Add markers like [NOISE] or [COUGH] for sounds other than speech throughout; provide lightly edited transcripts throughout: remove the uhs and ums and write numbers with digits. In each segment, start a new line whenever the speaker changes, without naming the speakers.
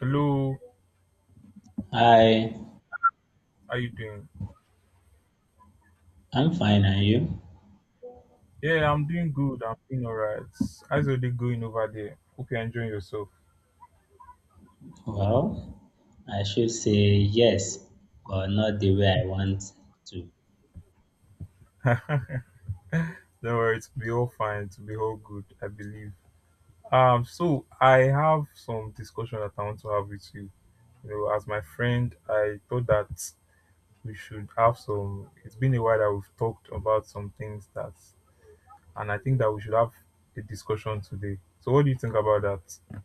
Hello,
Hi,
how you doing?
I'm fine, are you?
Yeah, I'm doing good. I'm doing alright. How's your day going over there? Hope you're enjoying yourself.
Well, I should say yes, but not the way I want to.
[LAUGHS] Don't worry, it'll be all fine. It'll be all good, I believe. So I have some discussion that I want to have with you. You know, as my friend, I thought that we should have some. It's been a while that we've talked about some things that, and I think that we should have a discussion today. So, what do you think about that?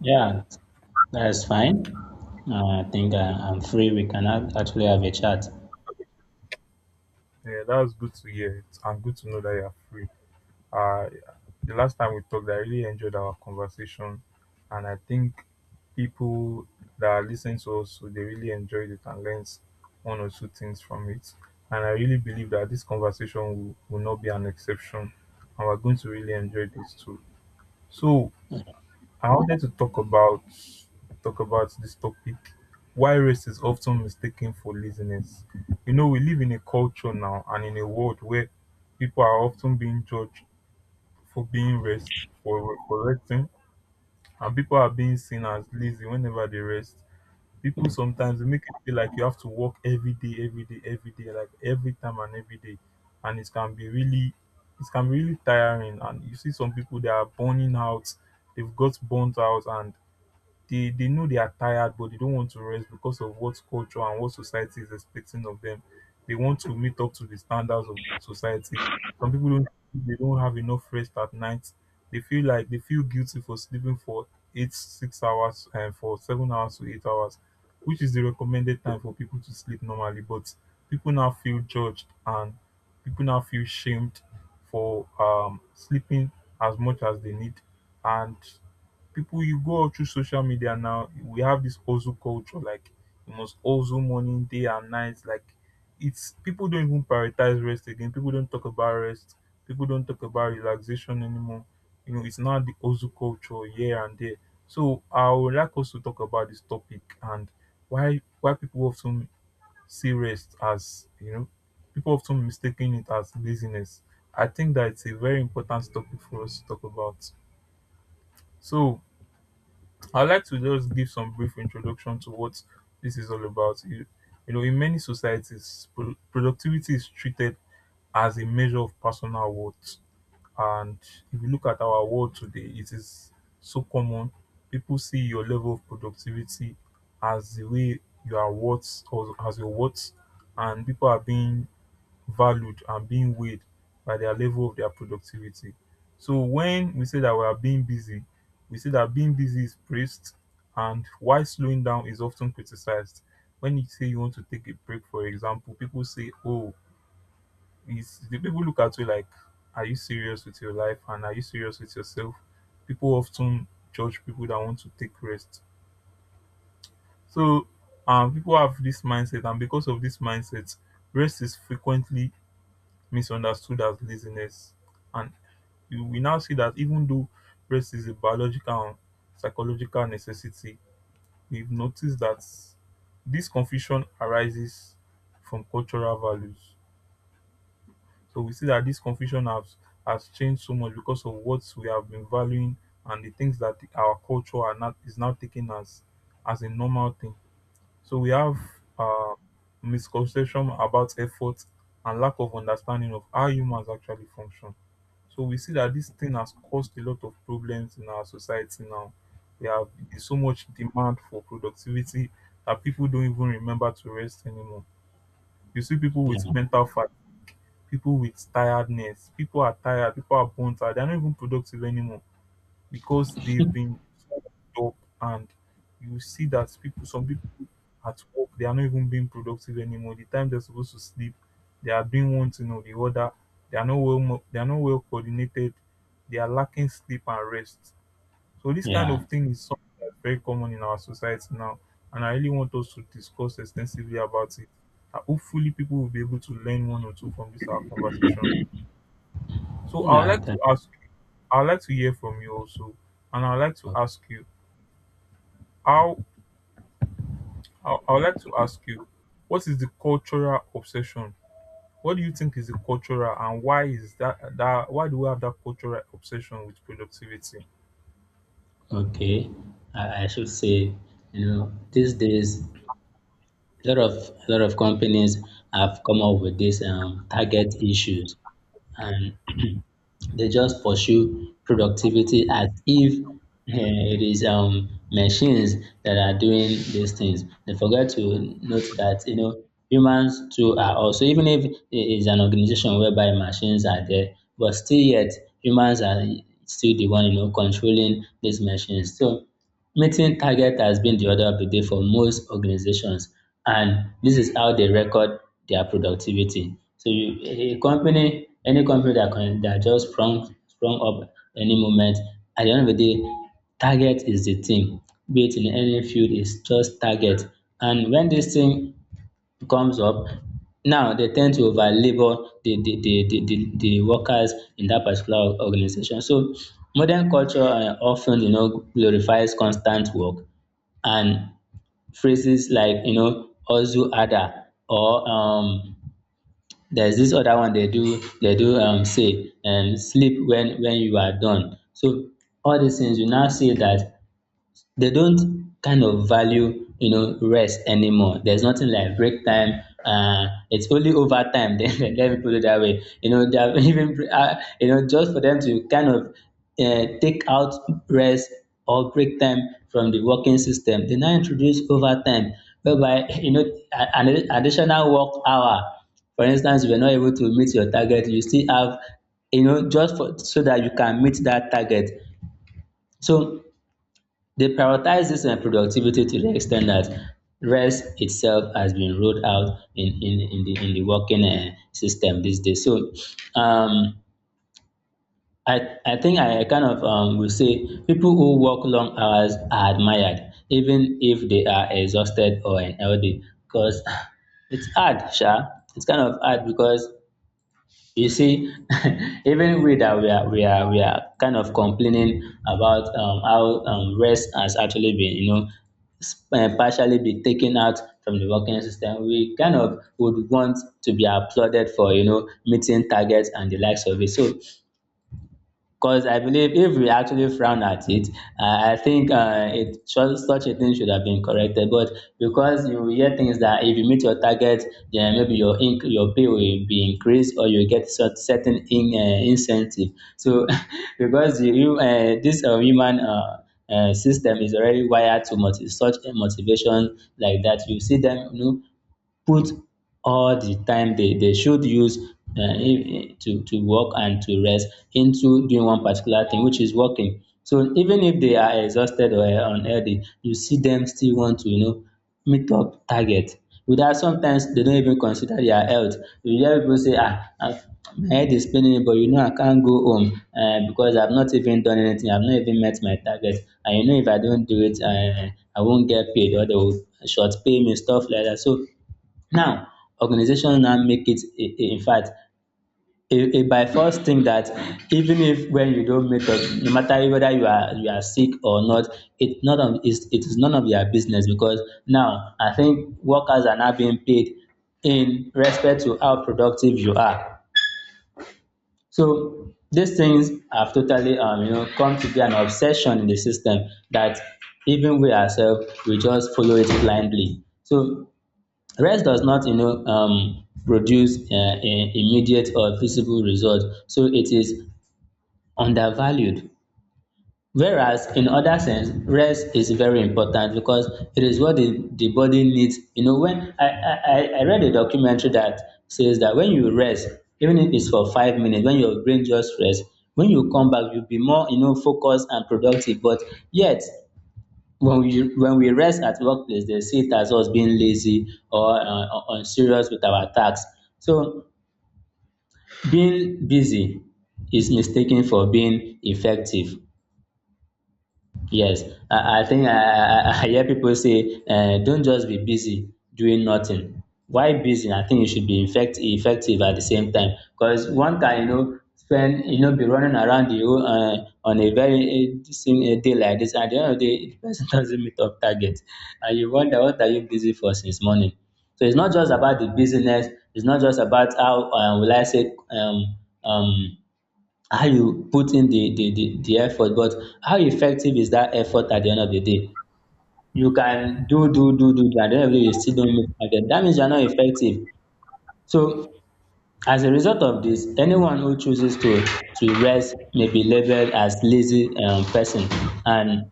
Yeah, that's fine. I think I'm free. We can actually have a chat.
Yeah, that was good to hear. And good to know that you're free. Uh, the last time we talked, I really enjoyed our conversation, and I think people that are listening to us, they really enjoyed it and learned one or two things from it. And I really believe that this conversation will not be an exception, and we're going to really enjoy this too. So I wanted to talk about this topic: why race is often mistaken for laziness. You know, we live in a culture now and in a world where people are often being judged for being rest for resting, and people are being seen as lazy whenever they rest. People sometimes they make it feel like you have to work every day, every day, every day, like every time and every day, and it can be really, it can be really tiring, and you see some people they are burning out, they've got burnt out, and they know they are tired, but they don't want to rest because of what culture and what society is expecting of them. They want to meet up to the standards of society. Some people don't, they don't have enough rest at night. They feel like they feel guilty for sleeping for eight, 6 hours and for 7 hours to 8 hours, which is the recommended time for people to sleep normally. But people now feel judged and people now feel shamed for sleeping as much as they need. And people, you go all through social media now, we have this hustle culture, like you must hustle morning, day and night, like it's, people don't even prioritize rest again, people don't talk about rest, people don't talk about relaxation anymore, you know, it's not the hustle culture here and there. So I would like us to talk about this topic and why people often see rest as, you know, people often mistaking it as laziness. I think that it's a very important topic for us to talk about. So I'd like to just give some brief introduction to what this is all about. You know, in many societies, productivity is treated as a measure of personal worth. And if you look at our world today, it is so common. People see your level of productivity as the way you are worth or as your worth, and people are being valued and being weighed by their level of their productivity. So when we say that we are being busy, we say that being busy is praised and why slowing down is often criticized. When you say you want to take a break, for example, people say, "Oh," is the people look at you like, "Are you serious with your life? And are you serious with yourself?" People often judge people that want to take rest. So people have this mindset, and because of this mindset, rest is frequently misunderstood as laziness. And you, we now see that even though rest is a biological and psychological necessity, we've noticed that this confusion arises from cultural values. So we see that this confusion has changed so much because of what we have been valuing, and the things that our culture are not is now taken as a normal thing. So we have uh, misconception about effort and lack of understanding of how humans actually function. So we see that this thing has caused a lot of problems in our society now. We have, there's so much demand for productivity that people don't even remember to rest anymore. You see people with
Yeah,
mental fat, people with tiredness, people are tired, people are burnt out, they're not even productive anymore because they've been up. And you see that people, some people at work they are not even being productive anymore. The time they're supposed to sleep they are doing one thing or the other, they are not well they are not well coordinated, they are lacking sleep and rest. So this kind
yeah,
of thing is something that's very common in our society now, and I really want us to discuss extensively about it. Hopefully people will be able to learn one or two from this our conversation. So I would
yeah.
like to
That,
ask you, I would like to hear from you also, and I would like to
o-
ask you how I would like to ask you what is the cultural obsession. What do you think is the cultural, and why is that, that why do we have that cultural obsession with productivity?
okay. I should say, you know, these days a lot of a lot of companies have come up with these target issues, and [CLEARS THROAT] they just pursue productivity as if it is machines that are doing these things. They forget to note that, you know, humans too are also, even if it is an organization whereby machines are there, but still yet, humans are still the one, you know, controlling these machines. So meeting target has been the order of the day for most organizations, and this is how they record their productivity. So you, a company, any company that can, that just sprung up any moment, at the end of the day, target is the thing. Be it in any field, it's just target. And when this thing comes up, now they tend to over labor the workers in that particular organization. So modern culture, often, you know, glorifies constant work, and phrases like, you know, ozu ada, or there's this other one they do say, and sleep when you are done. So all these things, you now see that they don't kind of value, you know, rest anymore. There's nothing like break time, it's only overtime [LAUGHS] then, let me put it that way. You know, they are [LAUGHS] even, you know, just for them to kind of take out rest or break time from the working system, they now introduce overtime, whereby [LAUGHS] you know, an additional work hour. For instance, you are not able to meet your target, you still have, you know, just for, so that you can meet that target. So they prioritize this productivity to the extent that rest itself has been ruled out in the working system these days. So um, I think I kind of, will say people who work long hours are admired, even if they are exhausted or unhealthy, because [LAUGHS] [SIGHS] it's hard, sha. It's kind of hard because, you see, [LAUGHS] even we, that we are we are we are kind of complaining about how rest has actually been, you know, partially be taken out from the working system. We kind of would want to be applauded for, you know, meeting targets and the likes of it. So, because I believe if we actually frown at it, I think it should, such a thing should have been corrected. But because you hear things that if you meet your target, then maybe your your pay will be increased, or you get certain incentive. So, [LAUGHS] because you this human, system is already wired to such a motivation like that. You see them, you know, put all the time they should use to work and to rest into doing one particular thing, which is working. So even if they are exhausted or unhealthy, you see them still want to, you know, meet up target without, sometimes they don't even consider their health. You hear people say, ah, ah, my head is paining me, but you know, I can't go home, because I've not even done anything, I've not even met my target, and you know, if I don't do it, I won't get paid, or they will short pay me, stuff like that. So now, organizations now make it, in fact, a by force thing, that even if when you don't make up, no matter whether you are sick or not, it is none of your business, because now I think workers are now being paid in respect to how productive you are. So these things have totally, you know, come to be an obsession in the system, that even we ourselves, we just follow it blindly. So rest does not, you know, produce immediate or visible result, so it is undervalued. Whereas in other sense, rest is very important, because it is what the body needs. You know, when I read a documentary that says that when you rest, even if it's for 5 minutes, when your brain just rests, when you come back, you'll be more, you know, focused and productive. But yet, when we rest at workplace, they see it as us being lazy or unserious with our tasks. So being busy is mistaken for being effective. Yes, I think, I hear people say, don't just be busy doing nothing. Why busy? I think you should be effective at the same time. Because one can, you know, spend, you know, be running around the whole, on a very same day like this. At the end of the day, the person [LAUGHS] doesn't meet up target. And you wonder, what are you busy for since morning? So it's not just about the business. It's not just about how, will I say, um, how you put in the effort, but how effective is that effort at the end of the day? You can do, at the end of the day, you still don't meet target. That means you're not effective. So, as a result of this, anyone who chooses to rest may be labeled as lazy, person. And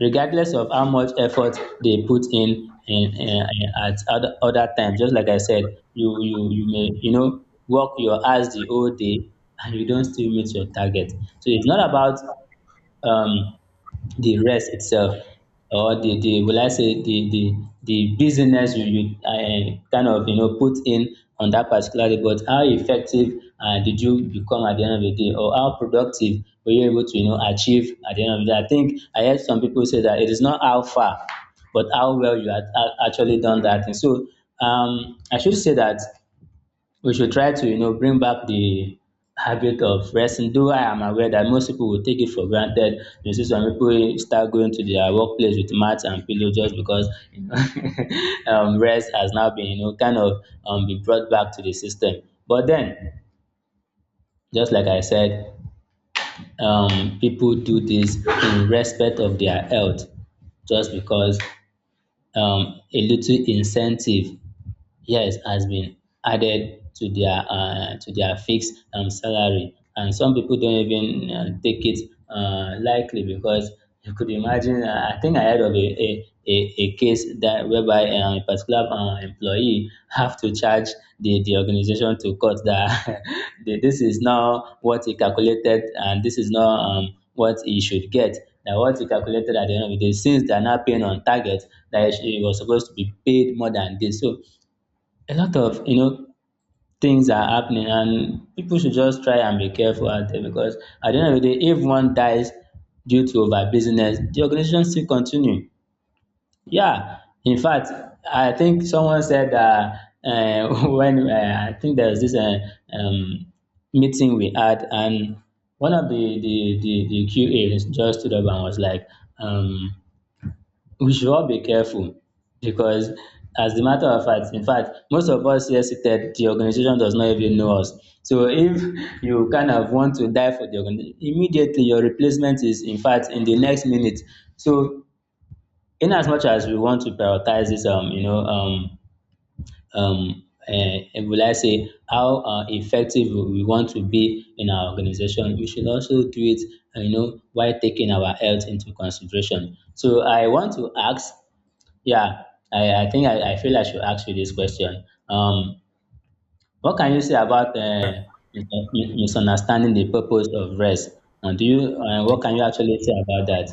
regardless of how much effort they put in at other times, just like I said, you may, you know, work your ass the whole day, and you don't still meet your target. So it's not about, um the rest itself, or the will I say, the business you kind of, you know, put in on that particular day, but how effective did you become at the end of the day, or how productive were you able to, you know, achieve at the end of the day? I think I heard some people say that it is not how far, but how well you had actually done that thing. So I should say that we should try to, you know, bring back the habit of resting, though I am aware that most people will take it for granted. You see some people start going to their workplace with mats and pillow, just because, you know, [LAUGHS] rest has now been, you know, kind of, be brought back to the system. But then, just like I said, people do this in respect of their health, just because a little incentive, yes, has been added to their, to their fixed, salary. And some people don't even, take it likely, because you could imagine, I think I heard of a case, that whereby a particular employee have to charge the organization to court, that [LAUGHS] this is not what he calculated, and this is not, what he should get, that what he calculated at the end of the day, since they are not paying on target, that he he was supposed to be paid more than this. So a lot of, you know, things are happening, and people should just try and be careful out there, because at the end of the day, if one dies due to over business, the organization still continue. Yeah, in fact, I think someone said that, [LAUGHS] when, I think there was this, um, meeting we had, and one of the qa just stood up and was like, um we should all be careful, because as a matter of fact, in fact, most of us here seated, the organization does not even know us. So if you kind of want to die for the organization, immediately your replacement is, in fact, in the next minute. So, in as much as we want to prioritize this, you know, um will I say, how effective we want to be in our organization, we should also do it, you know, while taking our health into consideration. So I want to ask, yeah, I think, I feel I should ask you this question. What can you say about, mis- misunderstanding the purpose of rest? Do you, what can you actually say about that?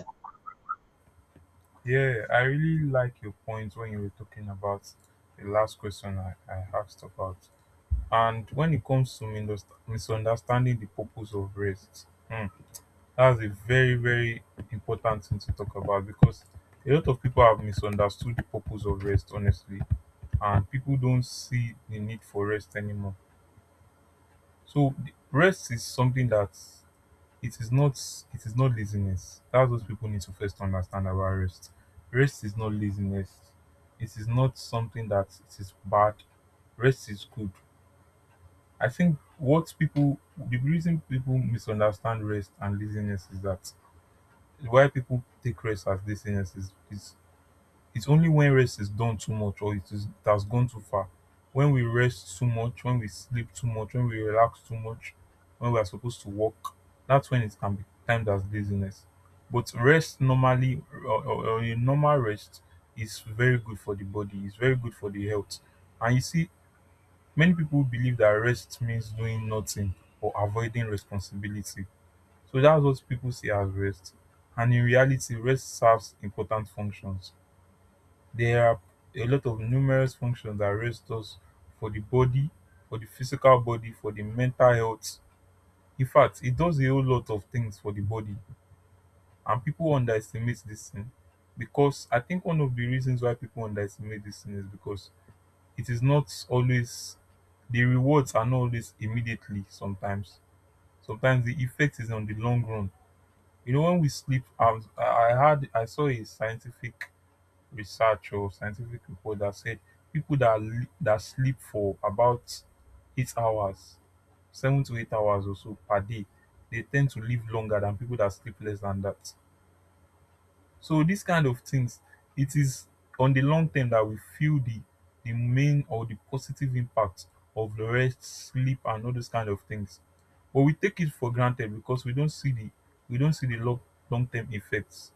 Yeah, I really like your point when you were talking about the last question I asked about. And when it comes to misunderstanding the purpose of rest, hmm, that's a very, very important thing to talk about because a lot of people have misunderstood the purpose of rest, honestly, and people don't see the need for rest anymore. So, rest is something that it is not, it is not laziness. That's what people need to first understand about rest. Rest is not laziness. It is not something that it is bad. Rest is good. I think what people, the reason people misunderstand rest and laziness is that why people take rest as laziness is it's only when rest is done too much or it is it has gone too far. When we rest too much, when we sleep too much, when we relax too much, when we are supposed to work, that's when it can be termed as laziness. But rest normally, or a normal rest is very good for the body, it's very good for the health. And you see, many people believe that rest means doing nothing or avoiding responsibility. So that's what people see as rest. And in reality, rest serves important functions. There are a lot of numerous functions that rest us for the body, for the physical body, for the mental health. In fact, it does a whole lot of things for the body, and people underestimate this thing because I think one of the reasons why people underestimate this thing is because it is not always, the rewards are not always immediately sometimes. Sometimes the effect is on the long run. You know, when we sleep, I I had, I saw a scientific research or scientific report that said people that that sleep for about 8 hours, 7 to 8 hours or so per day, they tend to live longer than people that sleep less than that. So these kind of things, it is on the long term that we feel the main or the positive impact of the rest, sleep, and all those kind of things. But we take it for granted because we don't see the we don't see the long, long term effects.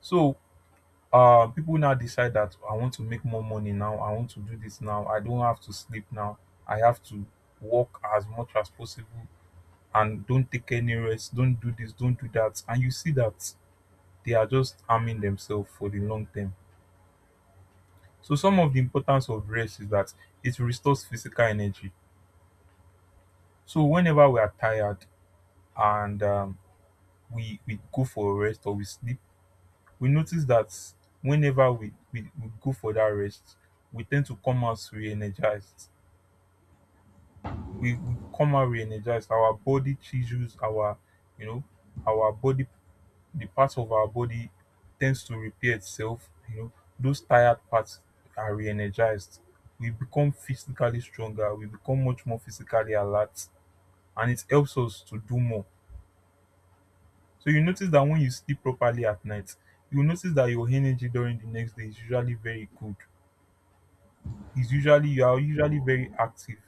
So people now decide that I want to make more money now, I want to do this now, I don't have to sleep now, I have to work as much as possible, and don't take any rest, don't do this, don't do that, and you see that they are just harming themselves for the long term. So some of the importance of rest is that it restores physical energy. So whenever we are tired and we go for rest or we sleep, we notice that whenever we we go for that rest, we tend to come out re-energized, we come out re-energized. Our body tissues, our, you know, our body, the parts of our body tends to repair itself. You know, those tired parts are re-energized. We become physically stronger. We become much more physically alert, and it helps us to do more. So you notice that when you sleep properly at night, you will notice that your energy during the next day is usually very good. It's usually, you are usually very active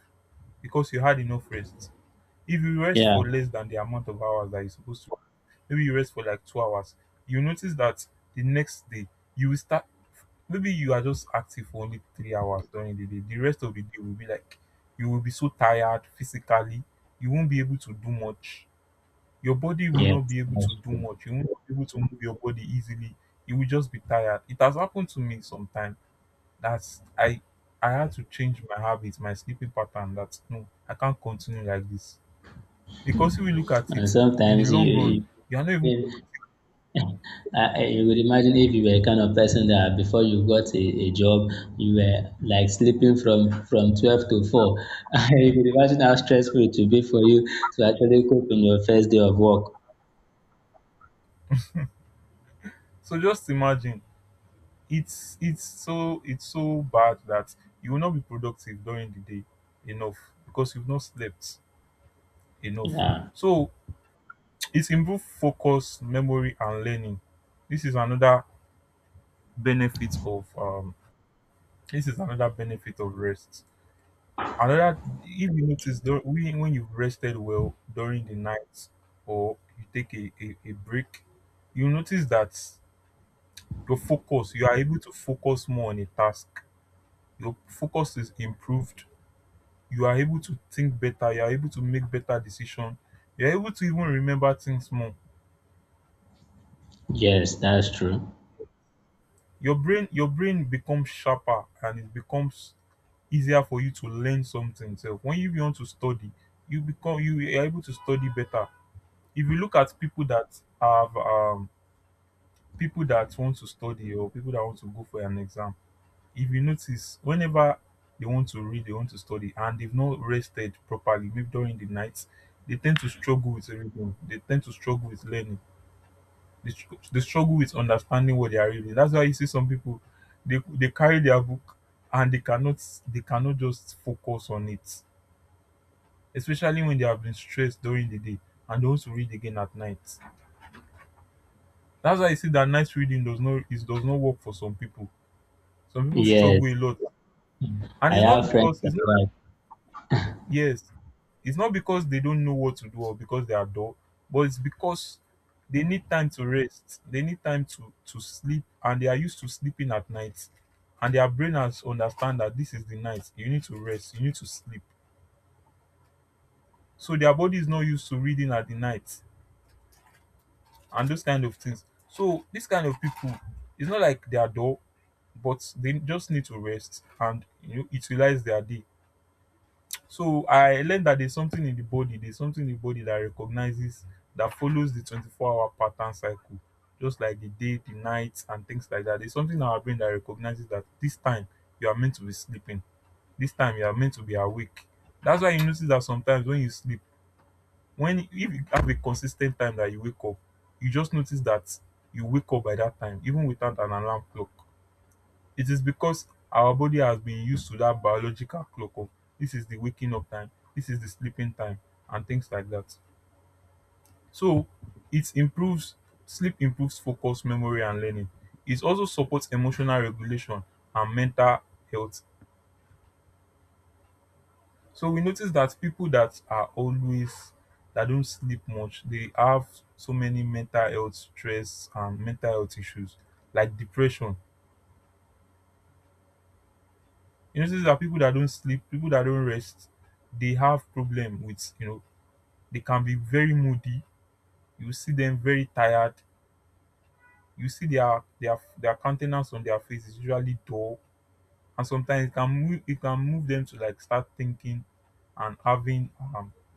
because you had enough rest. If you rest
Yeah,
for less than the amount of hours that you're supposed to, maybe you rest for like 2 hours, you notice that the next day you will start, maybe you are just active for only 3 hours during the day. The rest of the day will be like, you will be so tired physically, you won't be able to do much, your body will
yeah,
not be able to
that's
do
true.
much, you won't be able to move your body easily, you will just be tired. It has happened to me sometime. That's I had to change my habits, my sleeping pattern, that no, I can't continue like this. Because if we look at
And
it, in the
sometimes
long run, you are not even.
you [LAUGHS] you would imagine if you were a kind of person that before you got a job, you were like sleeping from 12 to four. [LAUGHS] You could imagine how stressful it would be for you to actually cope in your first day of work.
So just imagine, it's so it's so bad that you will not be productive during the day enough because you've not slept enough.
Yeah.
So [TSK] it's improved focus, memory, and learning. This is another benefit of this is another benefit of rest. Another, if you notice when you've rested well during the night or you take a break, you notice that your focus, you are able to focus more on a task, your focus is improved, you are able to think better, you are able to make better decision, you're able to even remember things more.
Yes, that's true.
Your brain becomes sharper and it becomes easier for you to learn something. So when you want to study, you are able to study better. If you look at people that have people that want to study, or people that want to go for an exam, if you notice, whenever they want to read, they want to study, and they've not rested properly, maybe during the night, they tend to struggle with reading. They tend to struggle with learning. They struggle with understanding what they are reading. That's why you see some people, they carry their book and they cannot, they cannot just focus on it, especially when they have been stressed during the day and they want to read again at night. That's why you see that night reading does not, it does not work for some people. Some people struggle
Yes,
a lot, and
I
it's not
have friends
because
like
it's,
that.
yes, it's not because they don't know what to do or because they are dull, but it's because they need time to rest. They need time to sleep, and they are used to sleeping at night. And their brain has understand that this is the night. You need to rest. You need to sleep. So their body is not used to reading at the night and those kind of things. So this kind of people, it's not like they are dull, but they just need to rest and utilize their day. So I learned that there's something in the body, there's something in the body that recognizes, that follows the 24-hour pattern cycle, just like the day, the night, and things like that. There's something in our brain that recognizes that this time you are meant to be sleeping, this time you are meant to be awake. That's why you notice that sometimes when you sleep, when if you have a consistent time that you wake up, you just notice that you wake up by that time, even without an alarm clock. It is because our body has been used to that biological clock of, this is the waking up time, this is the sleeping time, and things like that. So it improves, sleep improves focus, memory, and learning. It also supports emotional regulation and mental health. So we notice that people that are always, that don't sleep much, they have so many mental health stress and mental health issues like depression. You notice that people that don't sleep, people that don't rest, they have problem with, you know, they can be very moody. You see them very tired. You see their their countenance on their face is usually dull, and sometimes it can move, it can move them to like start thinking and having um